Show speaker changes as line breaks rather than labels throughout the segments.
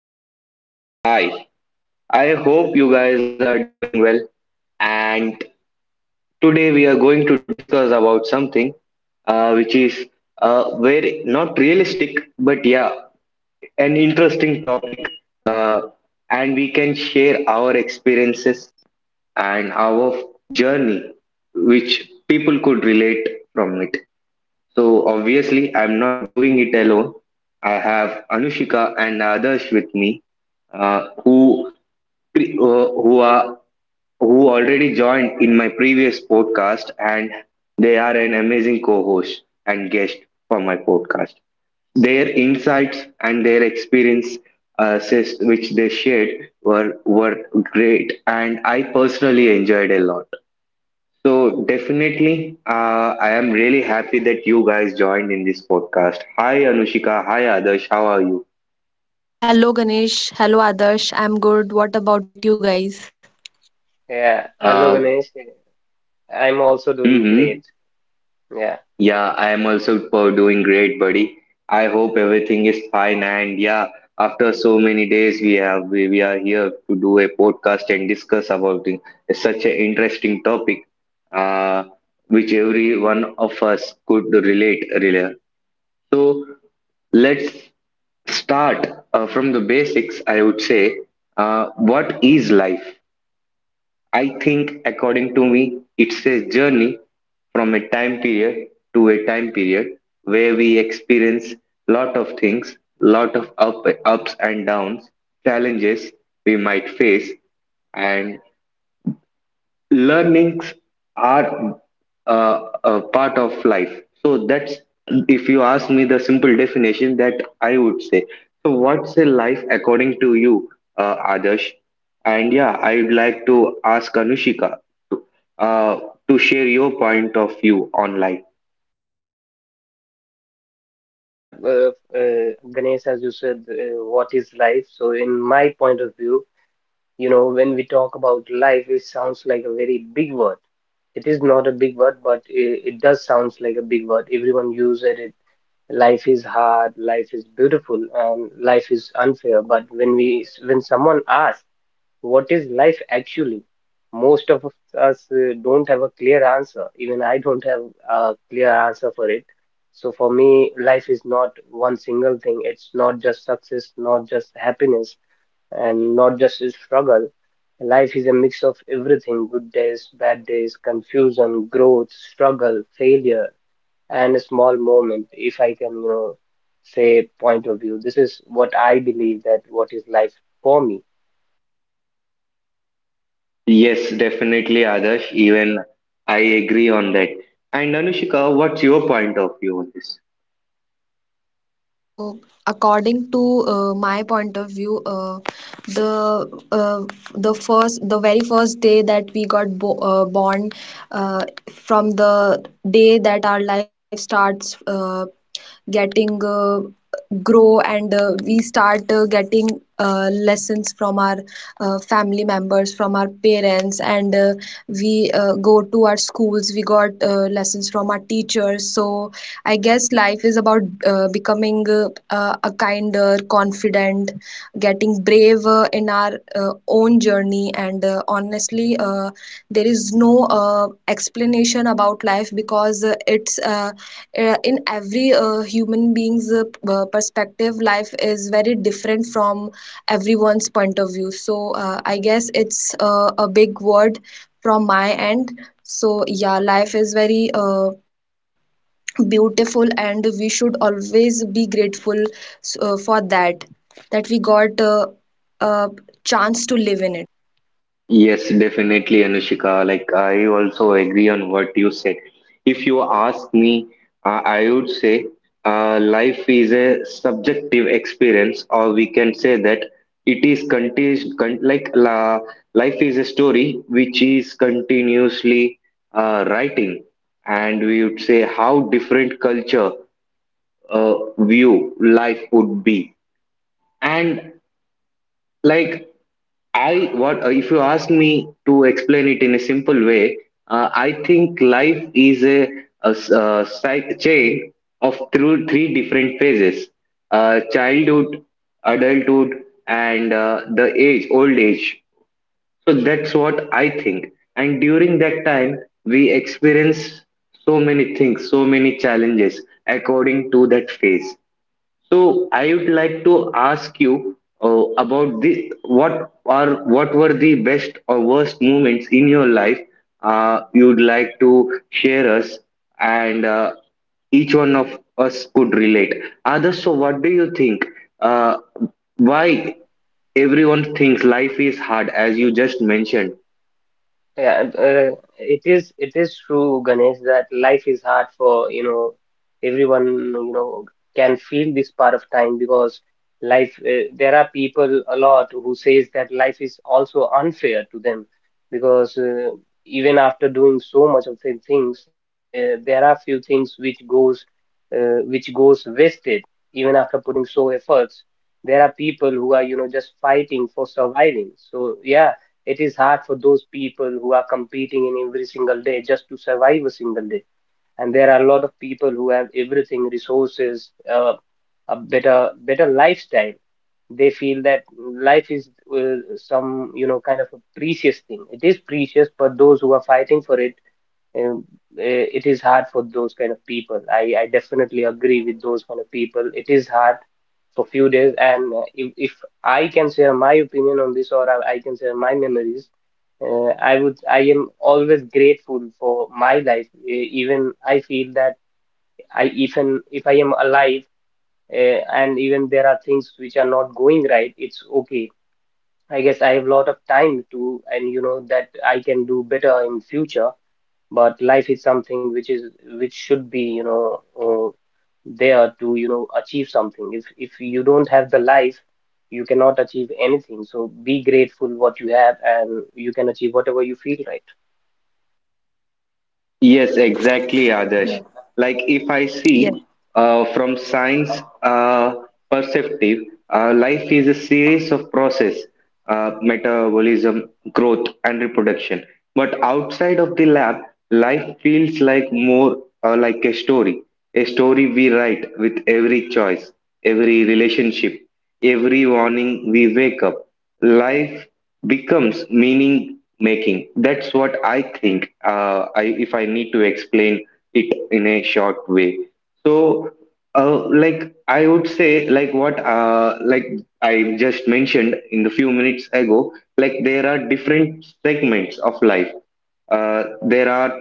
Hello, everyone. Hi. I hope you guys are doing well. And today we are going to discuss about something which is very not realistic, but yeah, an interesting topic. Uh, and we can share our experiences and our journey, which people could relate from it. So obviously, I'm not doing it alone. I have Anushika and others with me, uh, who pre- uh, who are who already joined in my previous podcast, and they are an amazing co-host and guest for my podcast. Their insights and their experience, which they shared, were great, and I personally enjoyed a lot. So definitely, I am really happy that you guys joined in this podcast. Hi Anushika, hi Adarsh, how are you?
Hello Ganesh, hello Adarsh. I'm good. What about you guys?
Yeah, hello
Uh,
Ganesh. I'm also doing great.
mm-hmm.
Yeah,
Yeah, I am also doing great, buddy. I hope everything is fine. And yeah, after so many days, we are here to do a podcast and discuss about it. It's such an interesting topic, uh, which every one of us could relate. Really. So let's start from the basics. I would say, what is life? I think, according to me, it's a journey from a time period to a time period where we experience lot of things, ups and downs, challenges we might face, and learnings are a part of life. So that's, if you ask me the simple definition, that I would say. So what's a life according to you, Adarsh? And yeah, I'd like to ask Anushika uh, to share your point of view on life.
yeah. Ganesh, as you said, what is life? So, in my point of view, when we talk about life, it sounds like a very big word. It is not a big word, but it does sounds like a big word. Everyone uses it. Life is hard, life is beautiful, and life is unfair. But when someone asks, what is life actually? Most of us don't have a clear answer. Even I don't have a clear answer for it. So for me, life is not one single thing. It's not just success, not just happiness, and not just a struggle. Life is a mix of everything: good days, bad days, confusion, growth, struggle, failure, and a small moment, if I can, say point of view. This is what I believe that what is life for me.
Yes, definitely, Adarsh. Even I agree on that. And Anushika, what's your point of view on this?
So, according to my point of view, the uh, the first the very first day that we got bo born, uh, from the day that our life starts getting grow and we start getting lessons from our family members, from our parents, and we go to our schools. We got lessons from our teachers. So I guess life is about becoming a kinder, confident, getting brave in our own journey. And honestly, there is no explanation about life because it's in every human being's perspective. Life is very different from everyone's point of view. So I guess it's a big word from my end. So yeah, life is very beautiful, and we should always be grateful for that, that we got a chance to live in it.
Yes, definitely, Anushika. Like, I also agree on what you said. If you ask me, I would say life is a subjective experience, or we can say that it is conti- con- like la- life is a story which is continuously writing, and we would say how different culture view life would be. And like, I what if you ask me to explain it in a simple way, I think life is a chain of through three different phases: childhood, adulthood, and old age. So that's what I think. And during that time, we experience so many things, so many challenges according to that phase. So I would like to ask you about the what are what were the best or worst moments in your life you'd like to share us, and each one of us could relate. Others, so what do you think? Uh, why everyone thinks life is hard, as you just mentioned?
Yeah, it is true, Ganesh, that life is hard for, everyone, can feel this part of time, because life there are people a lot who says that life is also unfair to them, because even after doing so much of the things, there are few things which goes wasted even after putting so efforts. There are people who are, just fighting for surviving. So yeah, it is hard for those people who are competing in every single day just to survive a single day. And there are a lot of people who have everything, resources, a better lifestyle. They feel that life is some kind of a precious thing. It is precious, but those who are fighting for it um, it is hard for those kind of people. I definitely agree with those kind of people. It is hard for few days, and if I can share my opinion on this, or I can share my memories, I am always grateful for my life. Even I feel that I even if I am alive, uh, and even there are things which are not going right, it's okay. I guess I have a lot of time to, and you know that I can do better in future. But life is something which is which should be there to achieve something. If you don't have the life, you cannot achieve anything, so be grateful what you have, and you can achieve whatever you feel right.
Yes, exactly, Adarsh.
Yeah.
Like, if I see,
Yes.
From science perspective, life is a series of process, metabolism, growth, and reproduction. But outside of the lab, life feels like more like a story we write with every choice, every relationship, every morning we wake up. Life becomes meaning making. That's what I think. If I need to explain it in a short way. So, like I would say, like I just mentioned in the few minutes ago, like there are different segments of life. There are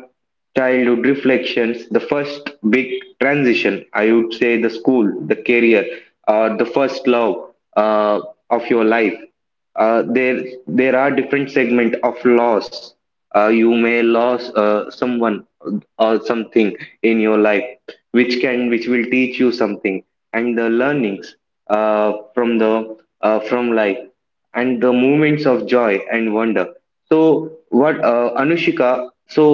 childhood reflections, the first big transition. I would say the school, the career, or the first love uh, of your life. Uh, there, there are different segment of loss. You may lose someone or something in your life which can which will teach you something, and the learnings from life, and the moments of joy and wonder. So what, Anushika, so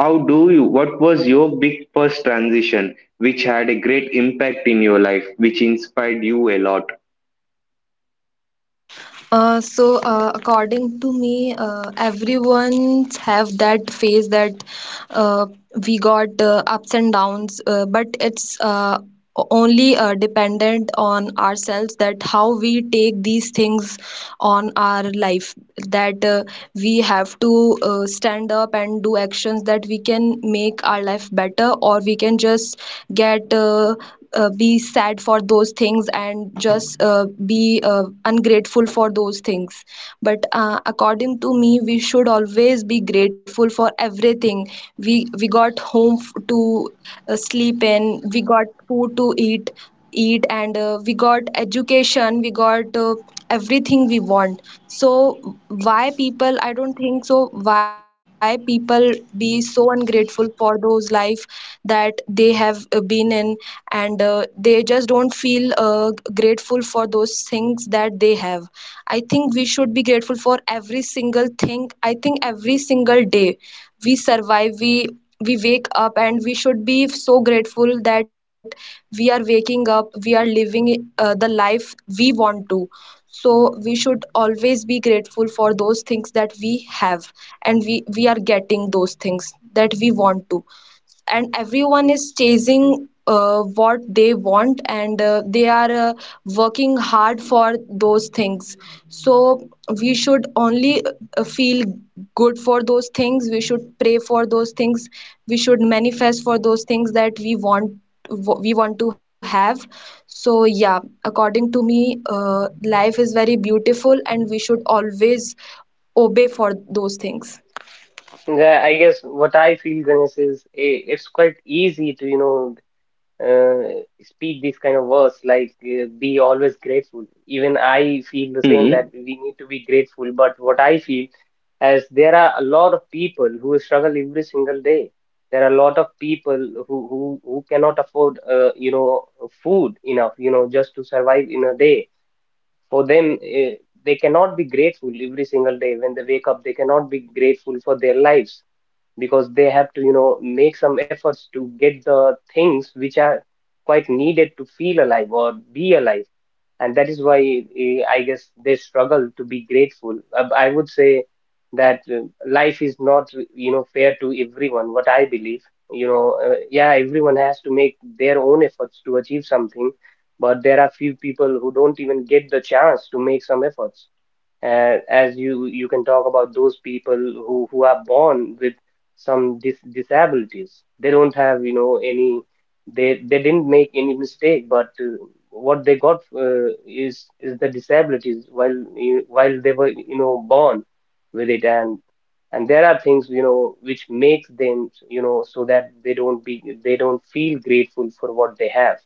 how do you, what was your big first transition which had a great impact in your life which inspired you a lot?
According to me, everyone's have that phase that uh, we got ups and downs, but it's only dependent on ourselves, that how we take these things on our life. That we have to stand up and do actions that we can make our life better, or we can just get be sad for those things and just be ungrateful for those things. But according to me, we should always be grateful for everything. We got home to sleep in, we got food to eat and we got education, we got everything we want. So why people, I don't think so. Why people be so ungrateful for those life that they have been in, and they just don't feel grateful for those things that they have. I think we should be grateful for every single thing. I think every single day we survive, we wake up and we should be so grateful that we are waking up, we are living the life we want to. So we should always be grateful for those things that we have, and we are getting those things that we want to. And everyone is chasing what they want, and they are working hard for those things. So we should only feel good for those things, we should pray for those things, we should manifest for those things that we want, we want to have. So yeah, according to me, life is very beautiful, and we should always obey for those things.
Yeah, I guess what I feel, Ganesh, is it's quite easy to speak these kind of words, like, be always grateful. Even I feel the same
Hmm.
that we need to be grateful. But what I feel, as there are a lot of people who struggle every single day. There are a lot of people who cannot afford food enough just to survive in a day. For them, they cannot be grateful every single day when they wake up. They cannot be grateful for their lives, because they have to, make some efforts to get the things which are quite needed to feel alive or be alive, and that is why I guess they struggle to be grateful. I would say that life is not, fair to everyone. What I believe, yeah, everyone has to make their own efforts to achieve something, but there are few people who don't even get the chance to make some efforts. As you can talk about those people who are born with some disabilities. They don't have, any. They didn't make any mistake, but what they got is the disabilities while they were born with it. And there are things which makes them so that they don't feel grateful for what they have.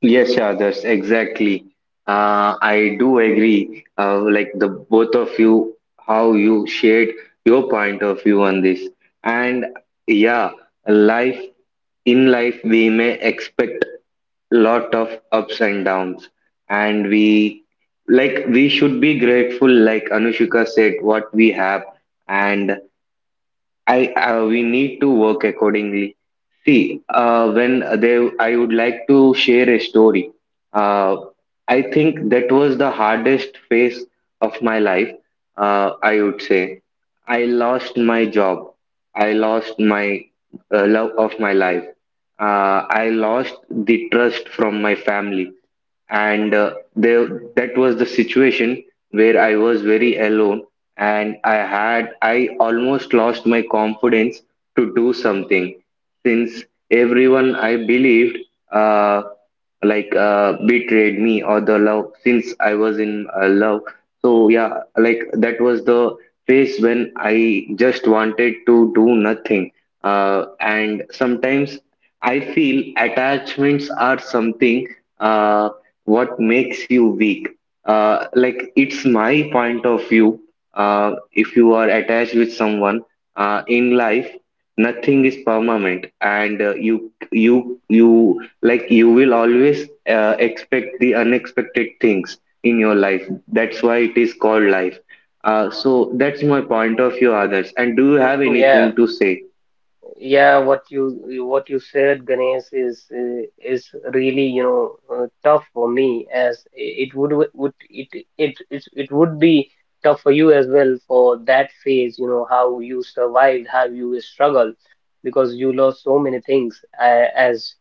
Yes, yeah, that's exactly. I do agree. Like the both of you, how you shared your point of view on this, and yeah, life, in life we may expect lot of ups and downs, and we, like we should be grateful, like Anushika said, what we have, and I we need to work accordingly. See, I would like to share a story. Uh, I think that was the hardest phase of my life, I would say. I lost my job. I lost my love of my life. I lost the trust from my family. And that was the situation where I was very alone and I almost lost my confidence to do something, since everyone I believed uh, betrayed me, or the love, since I was in love. So yeah, like that was the phase when I just wanted to do nothing. And sometimes I feel attachments are something uh, what makes you weak. Like, it's my point of view. If you are attached with someone in life, nothing is permanent, and uh, you like you will always expect the unexpected things in your life. That's why it is called life. So that's my point of view, Adarsh. And do you have
Yeah,
anything to say?
yeah, what you said, Ganesh, is really tough for me, as it would it it it it would be tough for you as well for that phase. You know how you survived, how you struggled, because you lost so many things as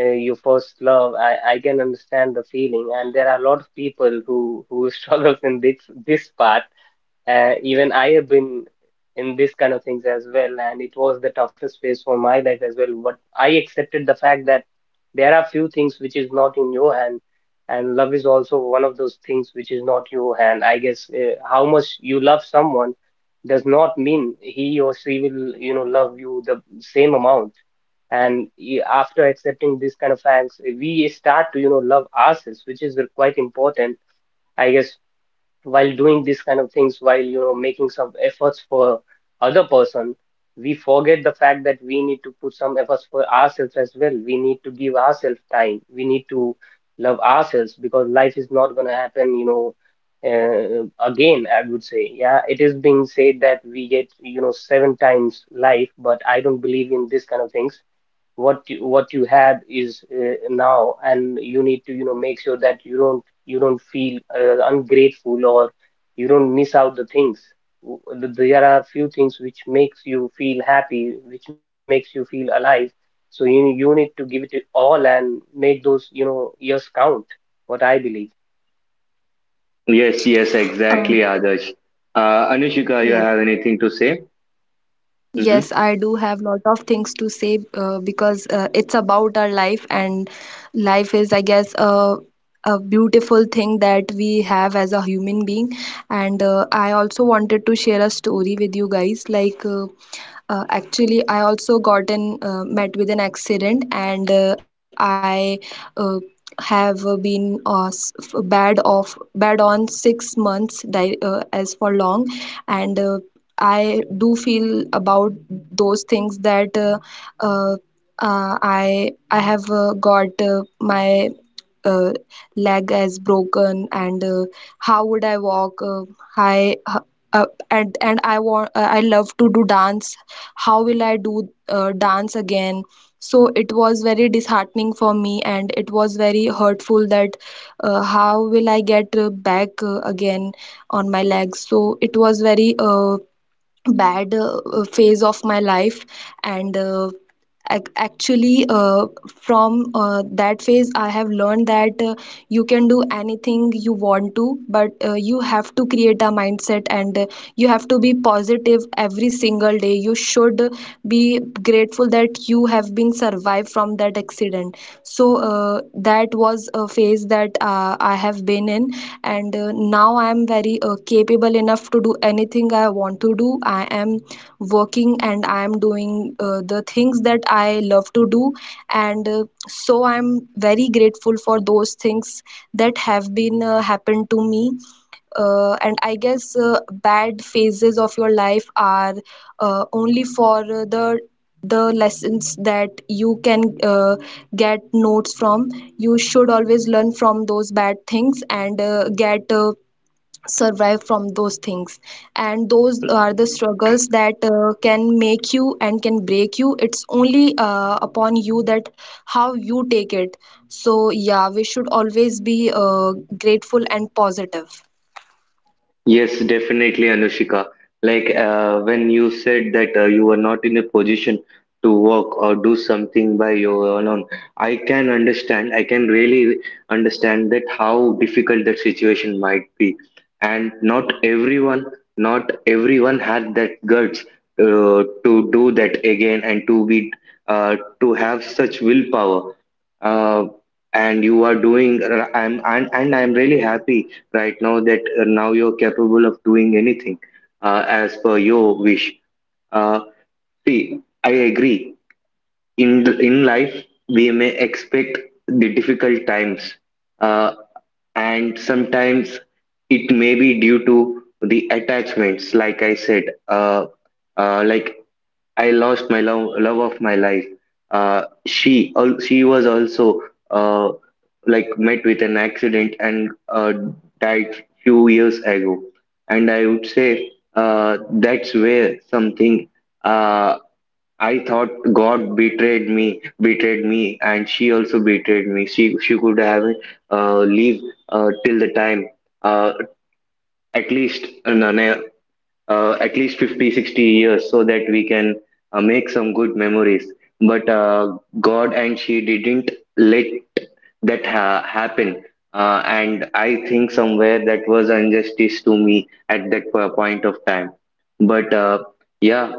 your first love. I can understand the feeling, and there are a lot of people who struggles in this part. Even I have been in this kind of things as well, and it was the toughest phase for my life as well. But I accepted the fact that there are few things which is not in your hand, and love is also one of those things which is not your hand. I guess how much you love someone does not mean he or she will, love you the same amount. And after accepting this kind of facts, we start to, love ourselves, which is quite important. I guess while doing these kind of things, while making some efforts for other person, we forget the fact that we need to put some efforts for ourselves as well. We need to give ourselves time, we need to love ourselves, because life is not going to happen, again. I would say, yeah, it is being said that we get, seven times life, but I don't believe in this kind of things. What you had is now, and you need to make sure that you don't feel ungrateful, or you don't miss out the things. There are few things which makes you feel happy, which makes you feel alive. So you need to give it all and make those years count, what I believe.
Yes, yes,
Oh,
exactly, Adarsh. Anushika, you
yes.
have anything to say?
Yes,
Mm-hmm.
I do have lot of things to say because it's about our life, and life is, I guess, a beautiful thing that we have as a human being. And I also wanted to share a story with you guys. Actually, I also got in met with an accident, and I uh, have been bad off bad on, 6 months as for long, and. I do feel about those things that uh, I have got my uh, leg as broken, and how would I walk? I And I want I love to do dance. How will I do dance again? So it was very disheartening for me, and it was very hurtful that how will I get back again on my legs? So it was very bad phase of my life. And ac- actually from that phase, I have learned that you can do anything you want to, but you have to create a mindset, and you have to be positive every single day. You should be grateful that you have been survived from that accident. So that was a phase that I have been in. And now I am very capable enough to do anything I want to do. I am working and I am doing the things that I love to do. And so I am very grateful for those things that have been happened to me. And I guess bad phases of your life are only for the lessons that you can get notes from. You should always learn from those bad things, and get survive from those things. And those are the struggles that can make you and can break you. It's only upon you that how you take it. So yeah, we should always be grateful and positive.
Yes, definitely, Anushika. Like, when you said that you were not in a position to work or do something by your own, I can understand. I can really understand that how difficult that situation might be, and not everyone, not everyone had that guts to do that again and to be to have such willpower. Uh, and you are doing. I'm and I'm really happy right now that now you're capable of doing anything as per your wish. Uh, See, I agree. In life, we may expect the difficult times. Uh, and sometimes it may be due to the attachments, like I said, like I lost my love, of my life. She was also uh, like met with an accident, and died few years ago. And I would say that's where something, uh, I thought God betrayed me, and she also betrayed me. She could have leave till the time, uh, at least no, no, at least 50, 60 years so that we can make some good memories. But God and she didn't let happen. And I think somewhere that was injustice to me at that point of time. But yeah,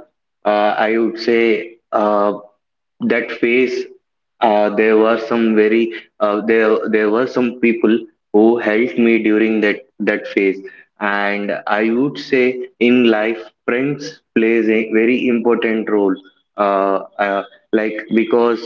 I would say, that phase, uh, there were some very there there were some people who helped me during that phase. And I would say in life, friends plays a very important role, uh, uh, like. Because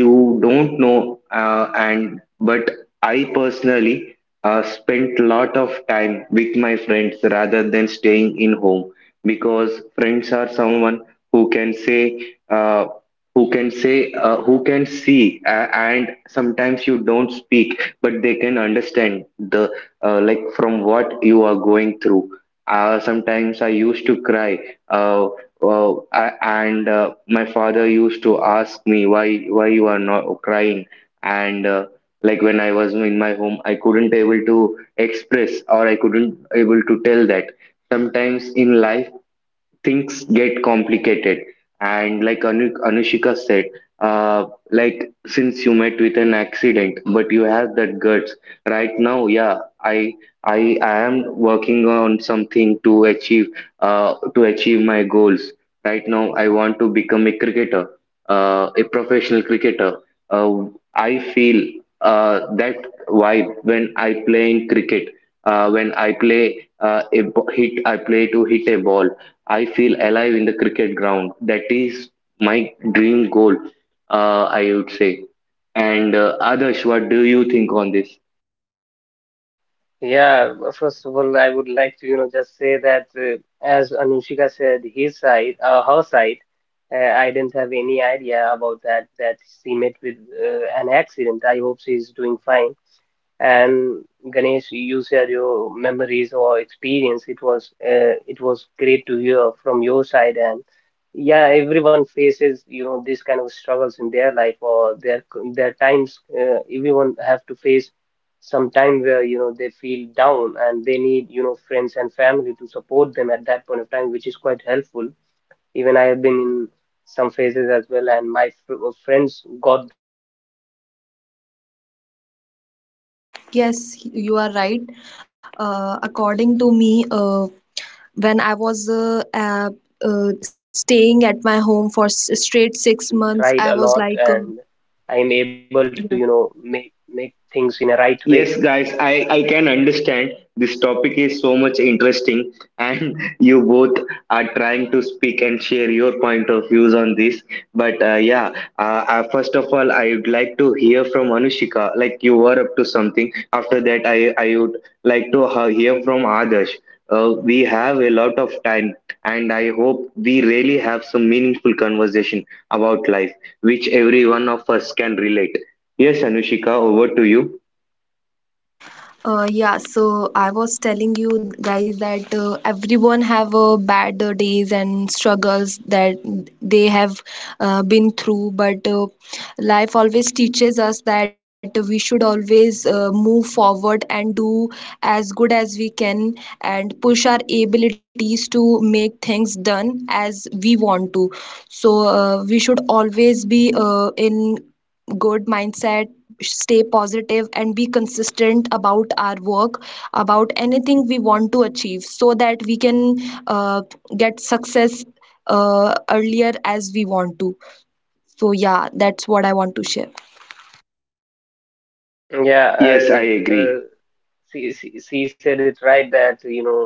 you don't know, and but I personally spent lot of time with my friends rather than staying in home, because friends are someone who can say uh, who can see, and sometimes you don't speak but they can understand the, like from what you are going through. Sometimes I used to cry, uh, Wow, I, and my father used to ask me why you are not crying, and like when I was in my home, I couldn't able to express or I couldn't able to tell that. Sometimes in life, things get complicated, and like Anushika said, uh like since you met with an accident, but you have that guts right now. Yeah, I I am working on something to achieve, to achieve my goals. Right now I want to become a cricketer, a professional cricketer. uh, I feel that vibe when I play in cricket, when I play a b- hit I play to hit a ball. I feel alive in the cricket ground. That is my dream goal, I would say. And Adarsh, what do you think on this?
Yeah, well, first of all, I would like to, just say that as Anushika said, his side, her side, I didn't have any idea about that, that she met with an accident. I hope she's doing fine. And Ganesh, you share your memories or experience. It was great to hear from your side. And yeah, everyone faces this kind of struggles in their life or their times. Everyone have to face some time where they feel down, and they need friends and family to support them at that point of time, which is quite helpful. Even I have been in some phases as well, and my friends got my back at that point of time, and
Yes,
because of
you are
that you
right.
know because of
According to me,
their
uh,
help, I
when i
was
was
able to
uh, uh, uh,
get
staying
up
at
and
my home
stand
for
again, and
straight
I
6 months,
tried
I
a
was
lot,
like
and I am able to
yeah.
make things in a right way.
Yes, guys, I can understand this topic is so much interesting, and you both are trying to speak and share your point of views on this. But yeah, first of all, I would like to hear from Anushika, like you were up to something. After that, I would like to hear from Adarsh. We have a lot of time, and I hope we really have some meaningful conversation about life, which every one of us can relate. Yes, Anushika, over to you.
Yeah, so I was telling you guys that everyone have bad days and struggles that they have been through, but life always teaches us that we should always move forward and do as good as we can, and push our abilities to make things done as we want to. So we should always be in good mindset, stay positive and be consistent about our work, about anything we want to achieve, so that we can uh, get success earlier as we want to. So yeah, that's what I want to share.
Yeah,
Yes, I
uh, uh,
agree.
she said it right that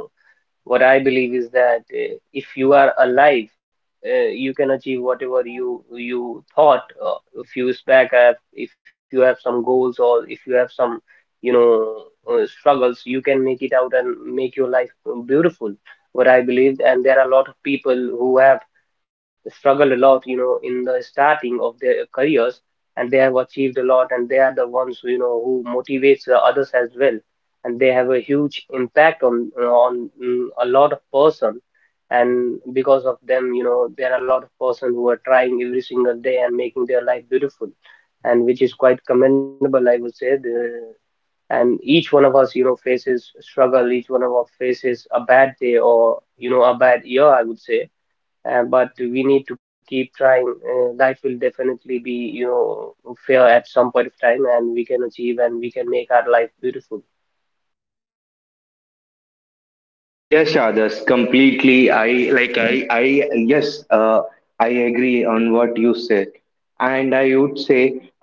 what I believe is that if you are alive, you can achieve whatever you thought a few years back. If you have some goals, or if you have some, you know, struggles, you can make it out and make your life beautiful. What I believe, and there are a lot of people who have struggled a lot, in the starting of their careers, and they have achieved a lot, and they are the ones, who motivates the others as well, and they have a huge impact on a lot of person, and because of them, there are a lot of person who are trying every single day and making their life beautiful, and which is quite commendable, I would say. And each one of us faces struggle. Each one of us faces a bad day, or a bad year, I would say. But we need to keep trying. Life will definitely be you know fair at some point of time, and we can achieve, and we can make our life beautiful.
Yes, Adas, completely. I like
Yeah.
I yes, I agree on what you said, and I would say,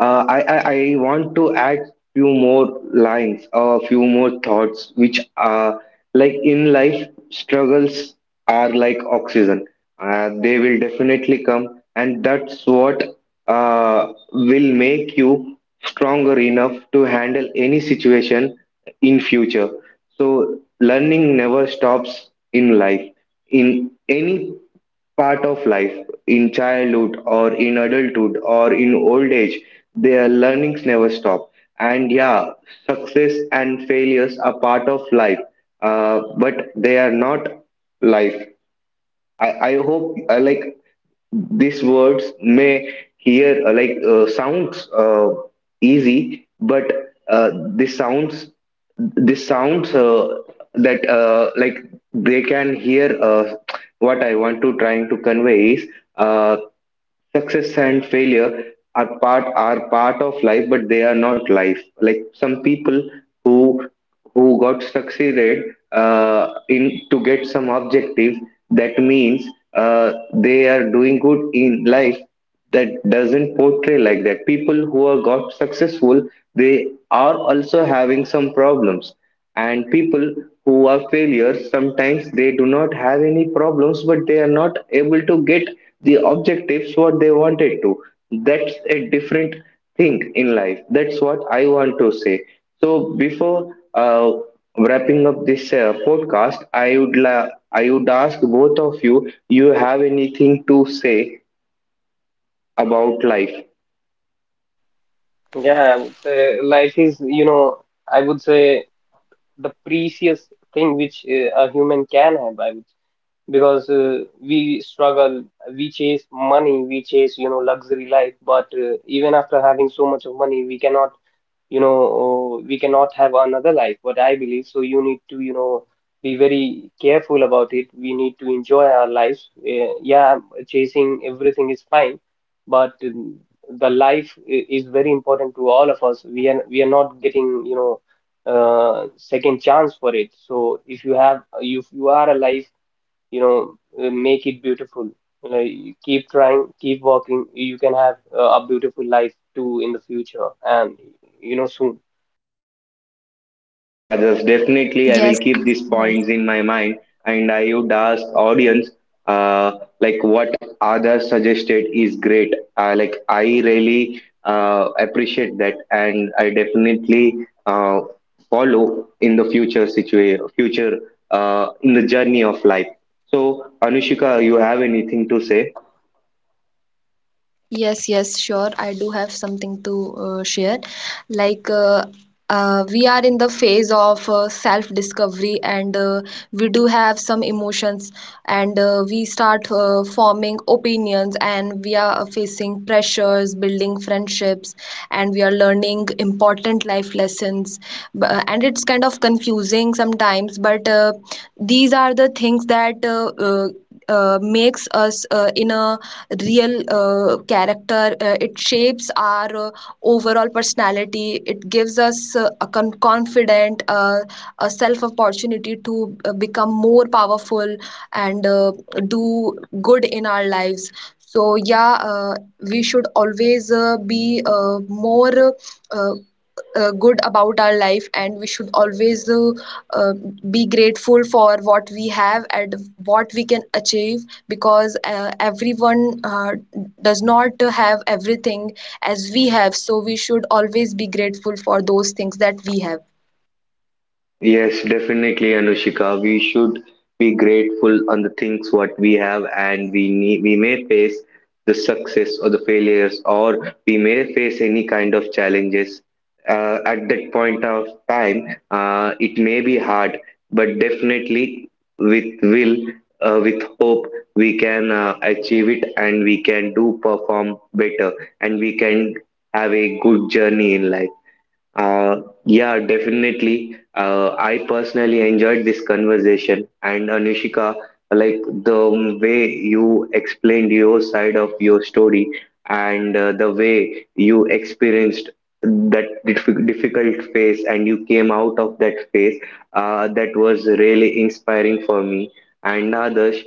I want to add few more lines or few more thoughts, which are like, in life struggles are like oxygen. They will definitely come, and that's what will make you stronger enough to handle any situation in future. So learning never stops in life, in any part of life, in childhood or in adulthood or in old age. Their learnings never stop, and yeah, success and failures are part of life, but they are not life. I hope like these words may hear sounds easy, but uh, this sounds this sounds that like they can hear what I want to trying to convey is. Uh, Success and failure are part of life, but they are not life. Like some people who who got succeeded in to get some objectives, that means they are doing good in life. That doesn't portray like that. People who are got successful, they are also having some problems, and people who are failures sometimes they do not have any problems but they are not able to get the objectives what they wanted to. That's a different thing in life. That's what I want to say. So before wrapping up this podcast, I would ask both of you, you have anything to say about life?
Yeah, I would say life is, you know, I would say the precious thing which a human can have, because we struggle, we chase money, we chase, luxury life, but even after having so much of money, we cannot have another life, what I believe. So you need to, be very careful about it. We need to enjoy our lives. Yeah, chasing everything is fine, but the life is very important to all of us. We are not getting, second chance for it. So if you are alive, you know make it beautiful. You keep trying, keep working. You can have a beautiful life too in the future, and soon.
Yes, Adas, definitely I
Yes,
will keep these
yes.
points in my mind, and I would ask audience, uh, like what Adarsh suggested is great. Like, I really appreciate that, and I definitely follow in the future situation, future, in the journey of life. So Anushika, you have anything to say?
Yes, yes, sure. I do have something to share. Like, uh, we are in the phase of self-discovery, and we do have some emotions, and we start forming opinions, and we are facing pressures, building friendships, and we are learning important life lessons. And it's kind of confusing sometimes, but these are the things that makes us in a real character. It shapes our overall personality. It gives us confident, a self opportunity to become more powerful, and do good in our lives. So yeah, we should always be more. Uh, good about our life, and we should always uh, be grateful for what we have and what we can achieve. Because everyone does not have everything as we have, so we should always be grateful for those things that we have.
Yes, definitely, Anushika. We should be grateful on the things what we have, and we need, we may face the success or the failures, or we may face any kind of challenges. At that point of time, it may be hard, but definitely with will, with hope, we can achieve it, and we can do perform better, and we can have a good journey in life. Yeah, definitely. I personally enjoyed this conversation, and Anushika, like the way you explained your side of your story and the way you experienced that difficult phase and you came out of that phase, that was really inspiring for me. And Adarsh,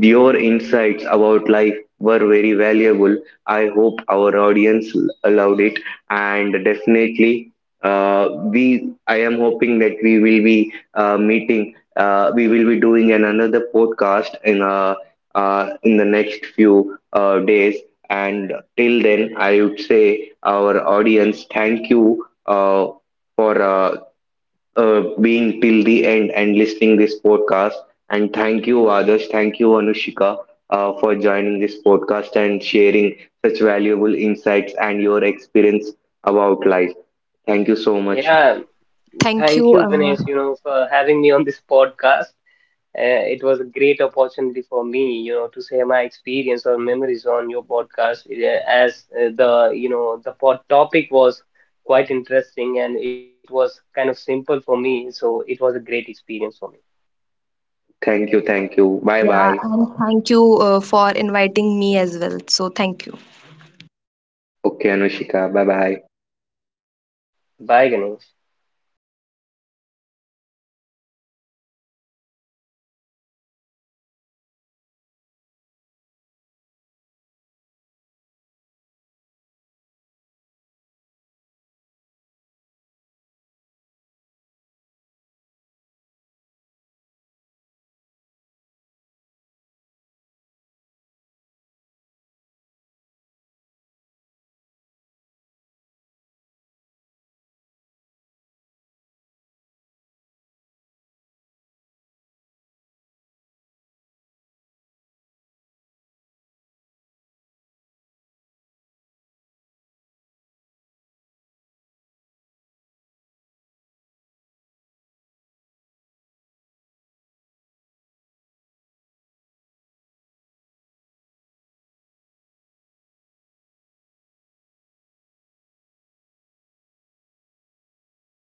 your insights about life were very valuable. I hope our audience loved it, and definitely we I am hoping that we will be meeting we will be doing an another podcast in the next few days. And till then I would say, our audience, thank you for being till the end and listening this podcast. And thank you, others, thank you, Anushika, for joining this podcast and sharing such valuable insights and your experience about life. Thank you so much.
Yeah,
Thank
thank
you
you Ganesh, for having me on this podcast. It was a great opportunity for me to share my experience or memories on your podcast, as the you know the pod topic was quite interesting, and it was kind of simple for me, so it was a great experience for me.
Thank you, thank you. Bye
yeah.
bye.
And thank you for inviting me as well, so thank you.
Okay, Anushika, bye bye.
Bye Ganesh.